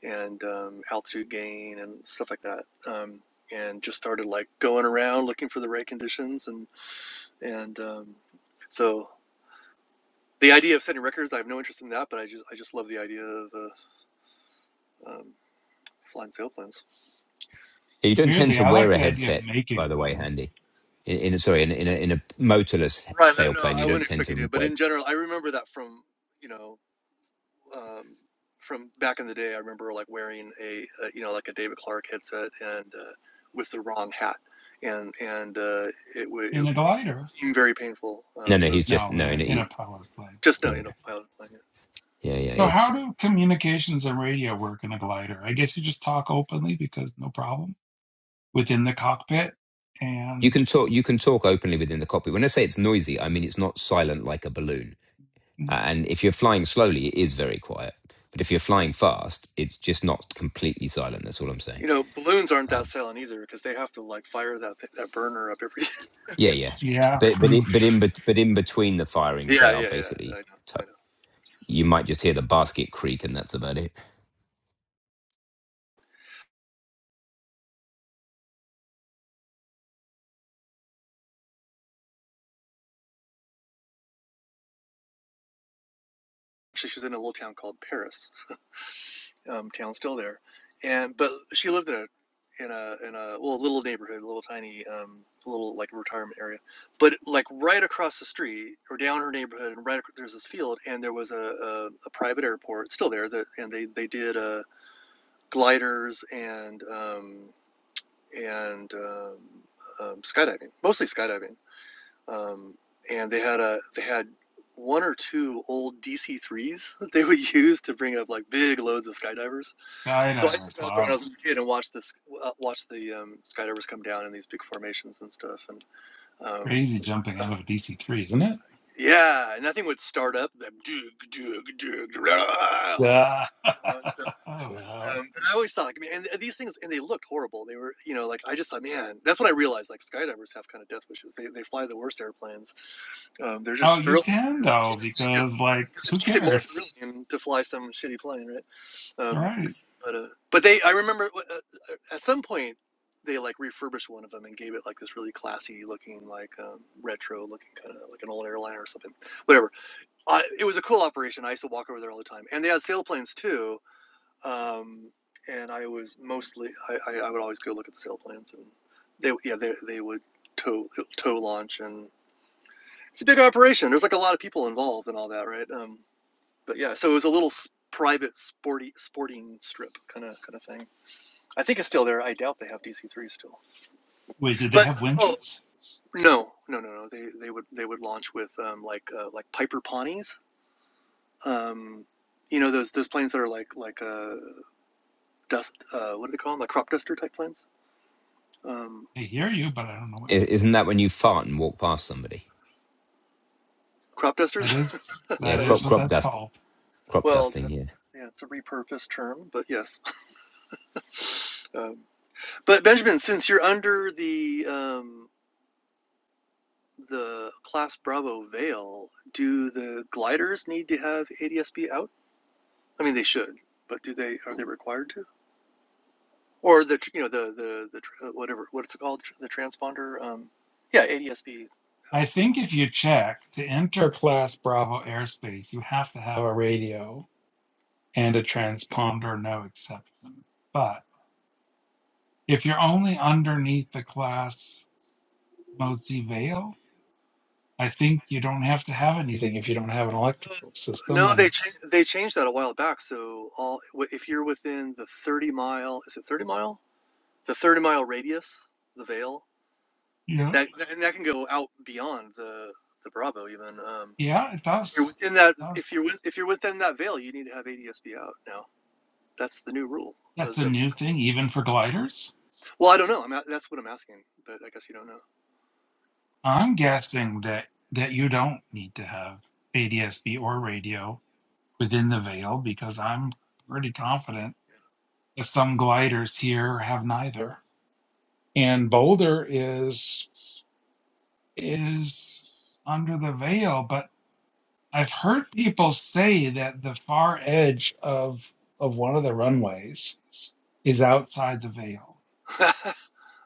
Speaker 3: and um, altitude gain and stuff like that. Um, and just started like going around looking for the right conditions and and um, so the idea of setting records, I have no interest in that, but I just I just love the idea of uh, um, flying sailplanes.
Speaker 1: Yeah, you don't tend
Speaker 2: Weirdly,
Speaker 1: to
Speaker 2: I like
Speaker 1: wear a
Speaker 2: the idea of
Speaker 1: headset by
Speaker 2: making
Speaker 1: the way
Speaker 2: them
Speaker 1: handy in, in a sorry in, a- in a in a motorless
Speaker 3: Right. No,
Speaker 1: sailplane
Speaker 3: I
Speaker 1: you
Speaker 3: wouldn't
Speaker 1: don't tend
Speaker 3: expect you
Speaker 1: to
Speaker 3: to, but
Speaker 1: wear
Speaker 3: in general, I remember that from you know um, from back in the day. I remember like wearing a, uh you know like a David Clark headset and uh, with the wrong hat, and and uh, it wa
Speaker 2: in
Speaker 3: it
Speaker 2: a glider.
Speaker 3: became very painful.
Speaker 1: no
Speaker 3: Um,
Speaker 1: no
Speaker 3: so
Speaker 1: he's just
Speaker 2: No,
Speaker 1: no
Speaker 2: in
Speaker 1: in
Speaker 2: a, in
Speaker 1: a,
Speaker 2: a power plane.
Speaker 3: just no,
Speaker 1: yeah
Speaker 3: you know pilot plane. yeah.
Speaker 1: yeah yeah
Speaker 2: So
Speaker 1: it's
Speaker 2: how do communications and radio work in a glider? I guess you just talk openly because no problem within the cockpit
Speaker 1: You
Speaker 2: and
Speaker 1: can talk. You can talk openly within the cockpit. When I say it's noisy, I mean it's not silent like a balloon.
Speaker 2: hmm.
Speaker 1: Uh, And if you're flying slowly, it is very quiet. But if you're flying fast, it's just not completely silent. That's all I'm saying.
Speaker 3: You know balloons aren't that
Speaker 1: Um,
Speaker 3: silent either because they have to like fire that that burner up every.
Speaker 1: yeah, yeah.
Speaker 2: Yeah,
Speaker 1: But but
Speaker 2: Purdue
Speaker 1: it, but in bet- but in between the firings, they
Speaker 3: yeah,
Speaker 1: are
Speaker 3: yeah, yeah.
Speaker 1: basically.
Speaker 3: I know. I
Speaker 1: To-
Speaker 3: know.
Speaker 1: you might just hear the basket creak, and that's about it.
Speaker 3: Actually, she was in a little town called Paris. Um, town still there, and but she lived in a in a in a well little neighborhood, a little tiny um, little like retirement area. But like right across the street or down her neighborhood, and right there's this field, and there was a, a, a private airport still there that, and they they did uh, gliders and um, and um, um, skydiving, mostly skydiving um, and they had a they had one or two old DC threes that they would use to bring up like big loads of skydivers. So I used to
Speaker 2: Skydivers.
Speaker 3: go out there when I
Speaker 2: Wow.
Speaker 3: was a kid and watch this uh, watch the um, skydivers come down in these big formations and stuff. And um,
Speaker 2: Crazy jumping
Speaker 3: uh,
Speaker 2: out of a DC 3, isn't it?
Speaker 3: yeah, and that thing would start up that dug dug dug all this.
Speaker 2: Yeah.
Speaker 3: uh,
Speaker 2: Oh, wow.
Speaker 3: Um, and I always thought, like, man, and these things, and they looked horrible. They were, you know, like I just thought, man, that's when I realized, like, skydivers have kind of death wishes. They, they fly the worst airplanes, Um, they're just
Speaker 2: Oh, you
Speaker 3: thrill
Speaker 2: can,
Speaker 3: seekers for
Speaker 2: though,
Speaker 3: the sake of
Speaker 2: because, like,
Speaker 3: because it
Speaker 2: who
Speaker 3: makes it more
Speaker 2: cares?
Speaker 3: thrilling to fly some shitty plane, right?
Speaker 2: All
Speaker 3: Um,
Speaker 2: right.
Speaker 3: but uh, but they, I remember uh, uh, at some point they like refurbished one of them and gave it like this really classy looking, like um, retro looking kind of like an old airliner or something, whatever. I, it was a cool operation. I used to walk over there all the time, and they had sailplanes too. Um, and I was mostly I, I, I would always go look at the sailplanes, and they yeah they they would tow tow launch and it's a big operation. There's like a lot of people involved and all that, right? Um, but yeah, so it was a little private sporty sporting strip kind of kind of thing. I think it's still there. I doubt they have DC3 still.
Speaker 2: Wait, did they
Speaker 3: But
Speaker 2: have
Speaker 3: oh
Speaker 2: winches?
Speaker 3: no, no, no, no. They they would they would launch with um, like uh, like Piper Pawneys. Um, you know those those planes that are like like uh, dust. Uh, what do they call them? Like crop duster type planes. Um,
Speaker 2: I hear you, but I don't know what you're
Speaker 1: I- Isn't
Speaker 2: talking
Speaker 1: that when you fart and walk past somebody?
Speaker 3: crop
Speaker 2: about.
Speaker 3: dusters.
Speaker 2: That is,
Speaker 1: Yeah,
Speaker 2: that
Speaker 3: that is
Speaker 2: is
Speaker 1: crop
Speaker 2: what
Speaker 1: crop
Speaker 2: that's
Speaker 1: dust
Speaker 2: called.
Speaker 1: crop
Speaker 3: well.
Speaker 1: dusting.
Speaker 3: That's,
Speaker 1: Yeah,
Speaker 3: yeah, it's a repurposed term, but yes. Um, But Benjamin, since you're under the um, the class Bravo veil, do the gliders need to have ADSB out? I mean, they should, but do they? Are they required to? Or the you know the the the uh, whatever what's it called the transponder? Um, yeah, ADSB
Speaker 2: I
Speaker 3: out.
Speaker 2: think if you check to enter Class Bravo airspace, you have to have a radio and a transponder, no exception. But if you're only underneath the Class Mozi veil, I think you don't have to have anything if you don't have an electrical system.
Speaker 3: No, they
Speaker 2: And
Speaker 3: cha- they changed that a while back. So all if you're within the 30 mile, is it 30 mile? The 30 mile radius, the veil
Speaker 2: yeah,
Speaker 3: that and that can go out beyond the the Bravo even. Um,
Speaker 2: yeah, it
Speaker 3: you're
Speaker 2: does.
Speaker 3: within that
Speaker 2: It
Speaker 3: if
Speaker 2: does.
Speaker 3: you're with, if you're within that veil, you need to have ADSB out now. That's the new rule.
Speaker 2: That's
Speaker 3: As
Speaker 2: a
Speaker 3: a,
Speaker 2: new thing, even for gliders.
Speaker 3: well, I don't know. I'm a- that's what I'm asking, but I guess you don't
Speaker 2: I'm guessing that that you don't need to have ADSB or radio within the veil because I'm pretty confident that some gliders here have neither. And Boulder is is under the veil, but I've heard people say that the far edge of of one of the runways is outside the veil.
Speaker 3: know.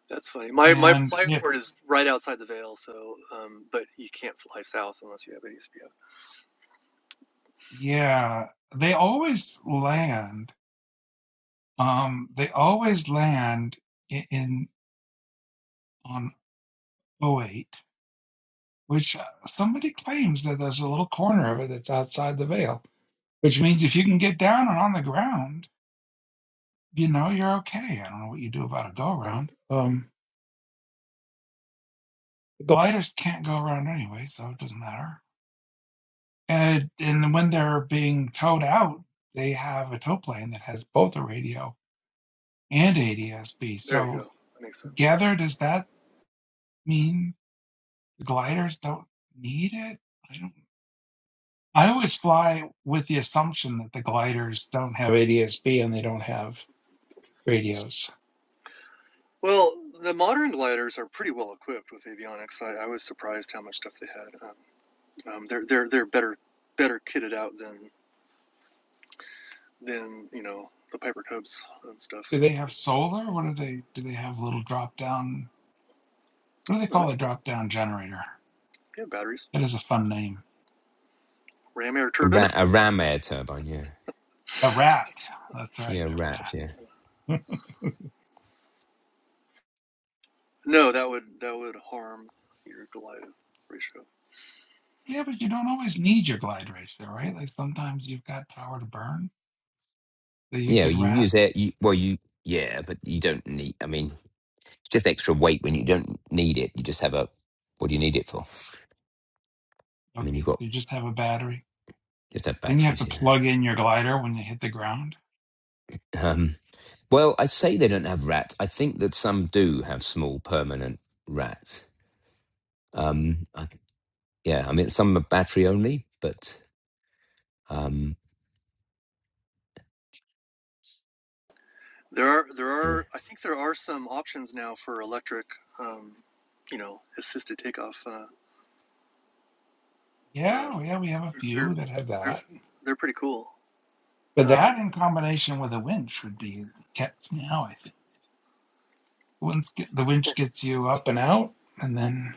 Speaker 3: that's funny. My my
Speaker 2: And
Speaker 3: my
Speaker 2: if,
Speaker 3: airport is right outside the veil, so um, but you can't fly south unless you have ADSB out.
Speaker 2: yeah, they always land, um, they always land in, in on O eight, which uh, somebody claims that there's a little corner of it that's outside the veil, which means if you can get down and on the ground, you know, you're okay. I don't know what you do about a go around. Um, gliders can't go around anyway, so it doesn't matter. And, and when they're being towed out, they have a tow plane that has both a radio and ADSB.
Speaker 3: There you go.
Speaker 2: So
Speaker 3: That makes sense.
Speaker 2: together, does that mean the gliders don't need it? I don't. I always fly with the assumption that the gliders don't have ADSB and they don't have radios.
Speaker 3: Well, the modern gliders are pretty well equipped with avionics. I, I was surprised how much stuff they had. Um, um, they're they're they're better better kitted out than than you know the Piper Cubs and stuff.
Speaker 2: Do they have solar? What do they? Do they have a little drop down? What do
Speaker 3: I
Speaker 2: they
Speaker 3: don't know.
Speaker 2: call the drop down generator?
Speaker 3: They have batteries.
Speaker 2: That is a fun name.
Speaker 3: ram air
Speaker 1: a,
Speaker 3: turbine.
Speaker 1: ra- a ram air turbine. Yeah,
Speaker 2: A rat. That's right,
Speaker 1: yeah, rat.
Speaker 2: a
Speaker 1: Yeah.
Speaker 2: rat.
Speaker 3: no, that would that would harm your glide ratio.
Speaker 2: yeah, but you don't always need your glide racer, right? Like sometimes you've got power to burn, so you
Speaker 1: Yeah,
Speaker 2: could
Speaker 1: you
Speaker 2: rat.
Speaker 1: use it. You, well, you yeah, but you don't need. I mean, it's just extra weight when you don't need it. You just have a. What do you need it for? I mean, you've
Speaker 2: Okay, so
Speaker 1: got
Speaker 2: you just have a battery
Speaker 1: you have to have
Speaker 2: Then you have
Speaker 1: batteries.
Speaker 2: to
Speaker 1: Yeah.
Speaker 2: plug in your glider when you hit the ground.
Speaker 1: Um, well, I say they don't have rats. I think that some do have small permanent rats. Um, I, yeah, I mean, some are battery only, but um,
Speaker 3: There are there
Speaker 1: yeah.
Speaker 3: are I think there are some options now for electric, um, you know, assisted takeoff. Uh, uh,
Speaker 2: Yeah, yeah, we have a
Speaker 3: they're,
Speaker 2: few that have
Speaker 3: they're
Speaker 2: that.
Speaker 3: they're pretty cool.
Speaker 2: But
Speaker 3: Um,
Speaker 2: that in combination with a winch would be cat's meow, I think. Once get, the winch
Speaker 3: well,
Speaker 2: gets you up and out, and then,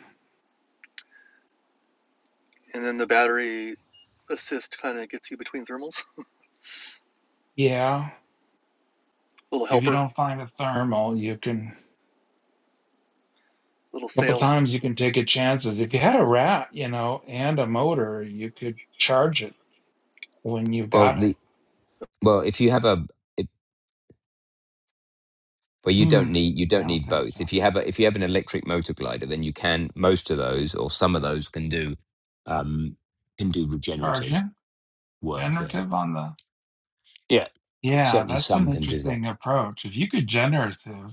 Speaker 3: and then the battery assist kind of gets you between thermals.
Speaker 2: yeah,
Speaker 3: little
Speaker 2: if you
Speaker 3: helper,
Speaker 2: don't find a thermal, you can,
Speaker 3: little
Speaker 2: a couple
Speaker 3: sail.
Speaker 2: times you can take a chances. If you had a rat, you know, and a motor, you could charge it when you
Speaker 1: Well,
Speaker 2: got it.
Speaker 1: the well, if you have a But you
Speaker 2: Hmm,
Speaker 1: don't need you
Speaker 2: yeah,
Speaker 1: don't
Speaker 2: I don't
Speaker 1: need
Speaker 2: think
Speaker 1: both.
Speaker 2: so.
Speaker 1: If you have a, if you have an electric motor glider, then you can most of those or some of those can do um, can do regenerative
Speaker 2: Charging,
Speaker 1: work. Yeah,
Speaker 2: generative on the,
Speaker 1: yeah,
Speaker 2: yeah,
Speaker 1: certainly
Speaker 2: that's an
Speaker 1: some can do that.
Speaker 2: interesting approach. If you could generative,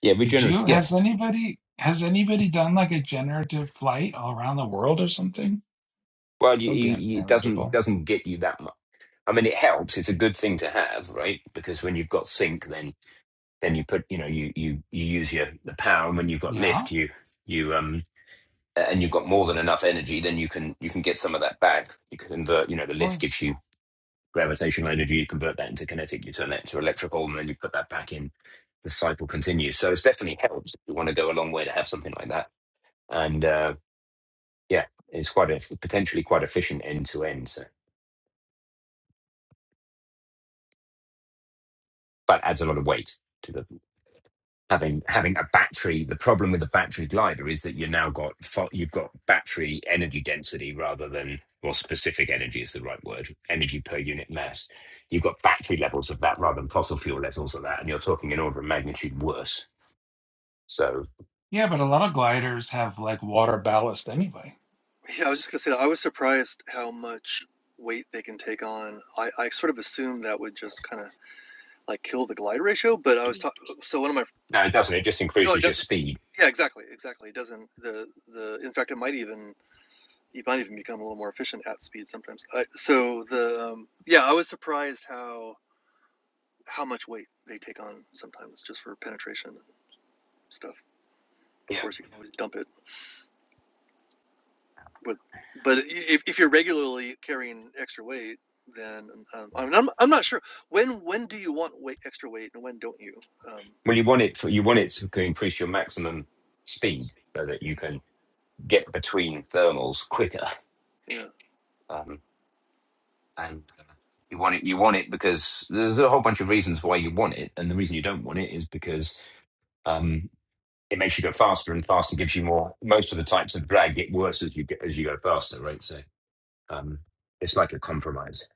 Speaker 1: Yeah,
Speaker 2: Did you
Speaker 1: regenerative. Yeah,
Speaker 2: has anybody has anybody done like a generative flight all around the world or something?
Speaker 1: well, you,
Speaker 2: That would be
Speaker 1: you, you, it doesn't
Speaker 2: unmanageable.
Speaker 1: doesn't get you that much. I mean, it helps. It's a good thing to have, right? Because when you've got sink, then then you put you know you you you use your the power, and when you've got
Speaker 2: Yeah, of
Speaker 1: lift, you you um and you've got more than enough energy, then you can you can get some of that back. You can convert. You know, the lift gives
Speaker 2: course.
Speaker 1: you gravitational energy, you convert that into kinetic, you turn that into electrical, and then you put that back in. The cycle continues. So it's definitely helps if you want to go a long way to have something like that. And uh, yeah, it's quite a potentially quite efficient end to end. So, but adds a lot of weight to the having having a battery. The problem with the battery glider is that you now got fa- you've got battery energy density rather than well specific energy is the right word energy per unit mass. You've got battery levels of that rather than fossil fuel levels of that, and you're talking an order of magnitude worse So
Speaker 2: Yeah, but a lot of gliders have like water ballast anyway.
Speaker 3: Yeah, I was just gonna say that I was surprised how much weight they can take on. I, I sort of assumed that would just kind of like kill the glide ratio, but I was talking. So one of my
Speaker 1: no, it
Speaker 3: but
Speaker 1: doesn't. It just
Speaker 3: no, it
Speaker 1: increases your
Speaker 3: doesn't.
Speaker 1: speed.
Speaker 3: Yeah, exactly, exactly. It doesn't. The the in fact, it might even you might even become a little more efficient at speed sometimes. I, so the um, yeah, I was surprised how how much weight they take on sometimes just for penetration and stuff. Of
Speaker 1: Yeah.
Speaker 3: course, you can always dump it with, but if, if you're regularly carrying extra weight, then um, I mean, I'm I'm not sure when when do you want weight extra weight and when don't you? Um,
Speaker 1: Well, you want it for, you want it to increase your maximum speed so that you can get between thermals quicker.
Speaker 3: yeah.
Speaker 1: Um, and uh, you want it you want it because there's a whole bunch of reasons why you want it, and the reason you don't want it is because um, it makes you go faster, and faster gives you more. Most of the types of drag get worse as you get as you go faster, right? So um, it's like a compromise.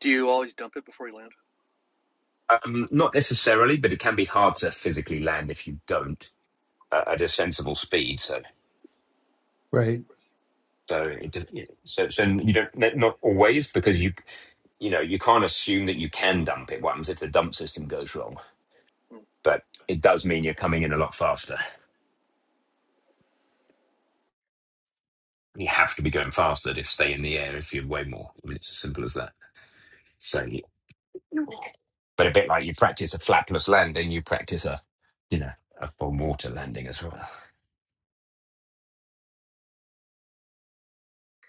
Speaker 3: Do you always dump it before you land?
Speaker 1: Um, not necessarily, but it can be hard to physically land if you don't. uh, at a sensible speed. So
Speaker 2: Right.
Speaker 1: so it, does- yeah, so so you don't not always because you you know you can't assume that you can dump it. What happens if the dump system goes wrong? But it does mean you're coming in a lot faster. You have to be going faster to stay in the air if you weigh more. I mean, it's as simple as that. So, yeah. but a bit like you practice a flapless landing, you practice a you know a full water landing as well.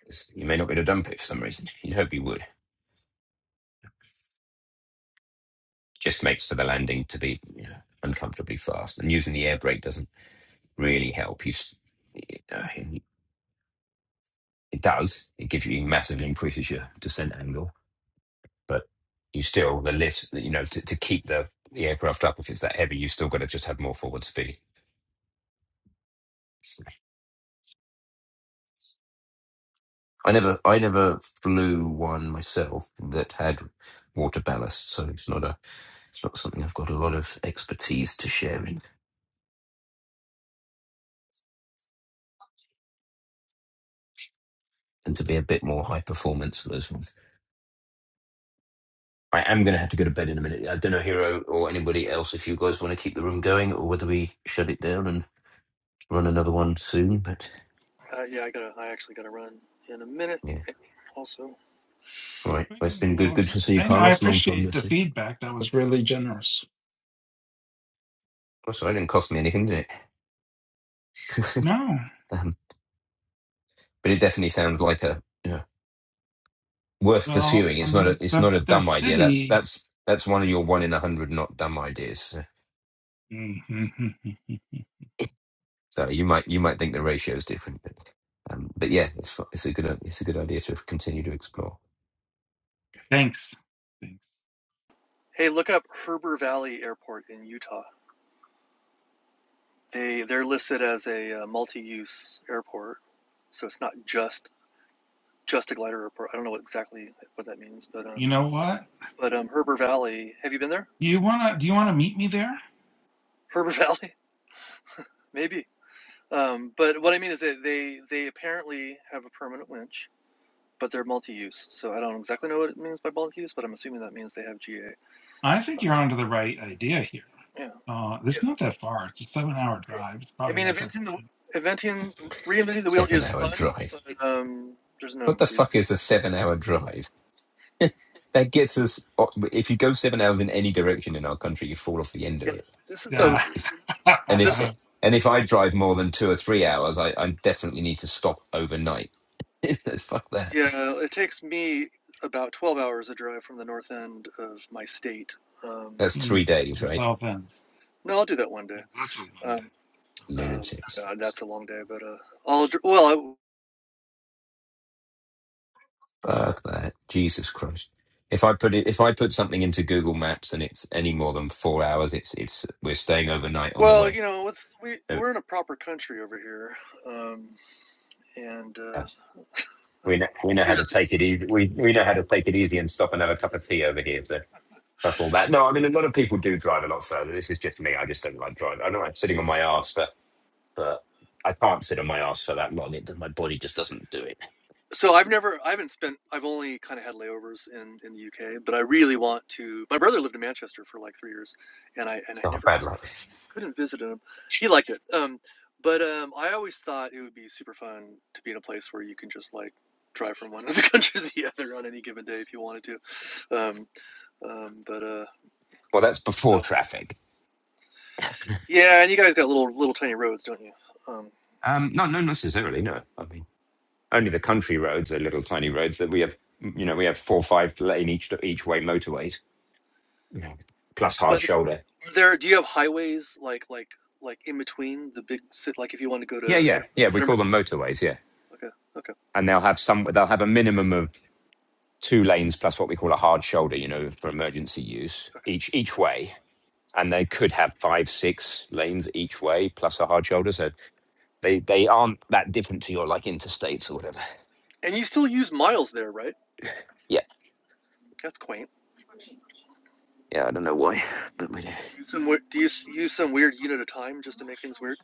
Speaker 1: It's- You may not be able to dump it for some reason. You'd hope you would. Just makes for the landing to be you know, uncomfortably fast, and using the air brake doesn't really help. You, s- uh, it it does. It gives you massively increases your descent angle, but you still the lifts. You know, to, to keep the the aircraft up if it's that heavy, you still got to just have more forward speed. I never, I never flew one myself that had water ballast, so it's not a, it's not something I've got a lot of expertise to share in, and to be a bit more high performance for those ones. I am going to have to go to bed in a minute. I don't know, Hero or anybody else, if you guys want to keep the room going or whether we shut it down and. run another one soon, but
Speaker 3: Uh, yeah, I gotta. I actually gotta run in a minute.
Speaker 1: yeah.
Speaker 3: Also,
Speaker 1: All right.
Speaker 2: We
Speaker 1: Well, it's
Speaker 2: can
Speaker 1: been good.
Speaker 2: close
Speaker 1: Good
Speaker 2: it.
Speaker 1: to see you,
Speaker 2: Thank I
Speaker 1: Carlos. Long time no
Speaker 2: appreciate the
Speaker 1: see.
Speaker 2: feedback. That was really generous.
Speaker 1: Oh, sorry, it didn't cost me anything, did it?
Speaker 2: No.
Speaker 1: um, but it definitely sounds like a yeah worth
Speaker 2: Well,
Speaker 1: pursuing.
Speaker 2: I
Speaker 1: It's not a
Speaker 2: mean
Speaker 1: it's
Speaker 2: the
Speaker 1: not a
Speaker 2: the
Speaker 1: dumb idea. That's
Speaker 2: city
Speaker 1: that's that's one of your one in a hundred not dumb ideas. So so you might you might think the ratio is different, but um, but yeah, it's fu- it's a good it's a good idea to continue to explore.
Speaker 2: Thanks. Thanks.
Speaker 3: hey, look up Herber Valley Airport in Utah. They they're listed as a uh, multi-use airport, so it's not just just a glider airport. I don't know exactly what that means, but
Speaker 2: You
Speaker 3: um,
Speaker 2: know what?
Speaker 3: but um, Herber Valley. Have you been there?
Speaker 2: You wanna do you wanna meet me there?
Speaker 3: Herber Valley, maybe. Um, but what I mean is that they they apparently have a permanent winch, but they're multi-use. So I don't exactly know what it means by multi-use, but I'm assuming that means they have GA.
Speaker 2: I think you're onto the right idea here.
Speaker 3: Yeah.
Speaker 2: Uh, it's not that far. It's a seven hour drive. It's
Speaker 3: I
Speaker 2: probably
Speaker 3: mean,
Speaker 2: like a,
Speaker 3: inventing the inventing reinventing the wheel
Speaker 1: Seven
Speaker 3: is
Speaker 1: hour
Speaker 3: fun,
Speaker 1: drive.
Speaker 3: but um, there's
Speaker 1: What
Speaker 3: no
Speaker 1: the
Speaker 3: reason.
Speaker 1: fuck is a seven hour drive? that gets us. uh, If you go seven hours in any direction in our country, you fall off the end of
Speaker 3: To. It,
Speaker 1: it.
Speaker 3: this is a
Speaker 1: And
Speaker 2: yeah,
Speaker 1: if and if
Speaker 3: this
Speaker 1: eh,
Speaker 3: is
Speaker 1: and if I drive more than two or three hours, I, I definitely need to stop overnight. Fuck that.
Speaker 3: yeah. It takes me about twelve hours a drive from the north end of my state. Um,
Speaker 1: That's
Speaker 2: Hmm,
Speaker 3: to,
Speaker 1: three
Speaker 2: to
Speaker 1: days,
Speaker 2: the
Speaker 1: right?
Speaker 2: south ends.
Speaker 3: no, I'll do that one day.
Speaker 2: Well, That's a one day.
Speaker 3: Um, um,
Speaker 1: Lunatics.
Speaker 3: God, that's a long day, but uh, I'll well, I,
Speaker 1: Fuck that. Jesus Christ. If I put it, if I put something into Google Maps and it's any more than four hours, it's it's we're staying overnight on the
Speaker 3: well,
Speaker 1: way.
Speaker 3: you know, it's, we
Speaker 1: So,
Speaker 3: we're in a proper country over here, um, and
Speaker 1: uh,
Speaker 3: uh,
Speaker 1: We know, we know how
Speaker 3: these
Speaker 1: to
Speaker 3: are the
Speaker 1: take it easy. We we know how to take it easy and stop and have a cup of tea over here. So up all that. No, I mean a lot of people do drive a lot further. This is just me. I just don't like driving. I know I'm sitting on my ass, but but I can't sit on my ass for that long. It my body just doesn't do it.
Speaker 3: So I've never, I haven't spent, I've only kind of had layovers in in the UK, but I really want to. My brother lived in Manchester for like three years, and I and I
Speaker 1: Oh,
Speaker 3: never
Speaker 1: bad luck.
Speaker 3: couldn't visit him. He liked it, um, but um, I always thought it would be super fun to be in a place where you can just like drive from one end of the country to the other on any given day if you wanted to. Um, um, but uh,
Speaker 1: Well, that's before
Speaker 3: oh,
Speaker 1: traffic.
Speaker 3: yeah, and you guys got little little tiny roads, don't you? Um,
Speaker 1: Um, no, no, necessarily. No, I mean only the country roads are little tiny roads that we have. You know, we have four, five lane each each way motorways, you know, plus hard
Speaker 3: but if,
Speaker 1: shoulder.
Speaker 3: are there, do you have highways like like like in between the big city? Like if you want to go
Speaker 1: Yeah,
Speaker 3: to
Speaker 1: yeah,
Speaker 3: Edinburgh?
Speaker 1: yeah. We call
Speaker 3: Edinburgh?
Speaker 1: them motorways. Yeah,
Speaker 3: Okay, okay,
Speaker 1: and they'll have some. They'll have a minimum of two lanes plus what we call a hard shoulder. You know, for emergency use
Speaker 3: okay, okay.
Speaker 1: each each way and they could have five, six lanes each way plus a hard shoulder. So they they aren't that different to your like interstates or whatever.
Speaker 3: And you still use miles there, right?
Speaker 1: Yeah,
Speaker 3: That's quaint.
Speaker 1: yeah. I don't know why, but we do.
Speaker 3: Do you use some do you use some weird unit of time just to make things weird?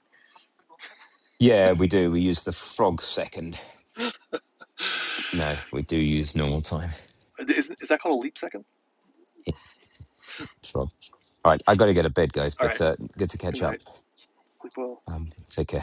Speaker 1: Yeah, we do. We use the frog second. No, we do use normal time.
Speaker 3: Is, is that called a leap second?
Speaker 1: Yeah, Frog. All right, I got to get to bed, guys.
Speaker 3: All
Speaker 1: But
Speaker 3: right.
Speaker 1: uh, good to
Speaker 3: Good
Speaker 1: catch up.
Speaker 3: night. Sleep well.
Speaker 1: Um, take care.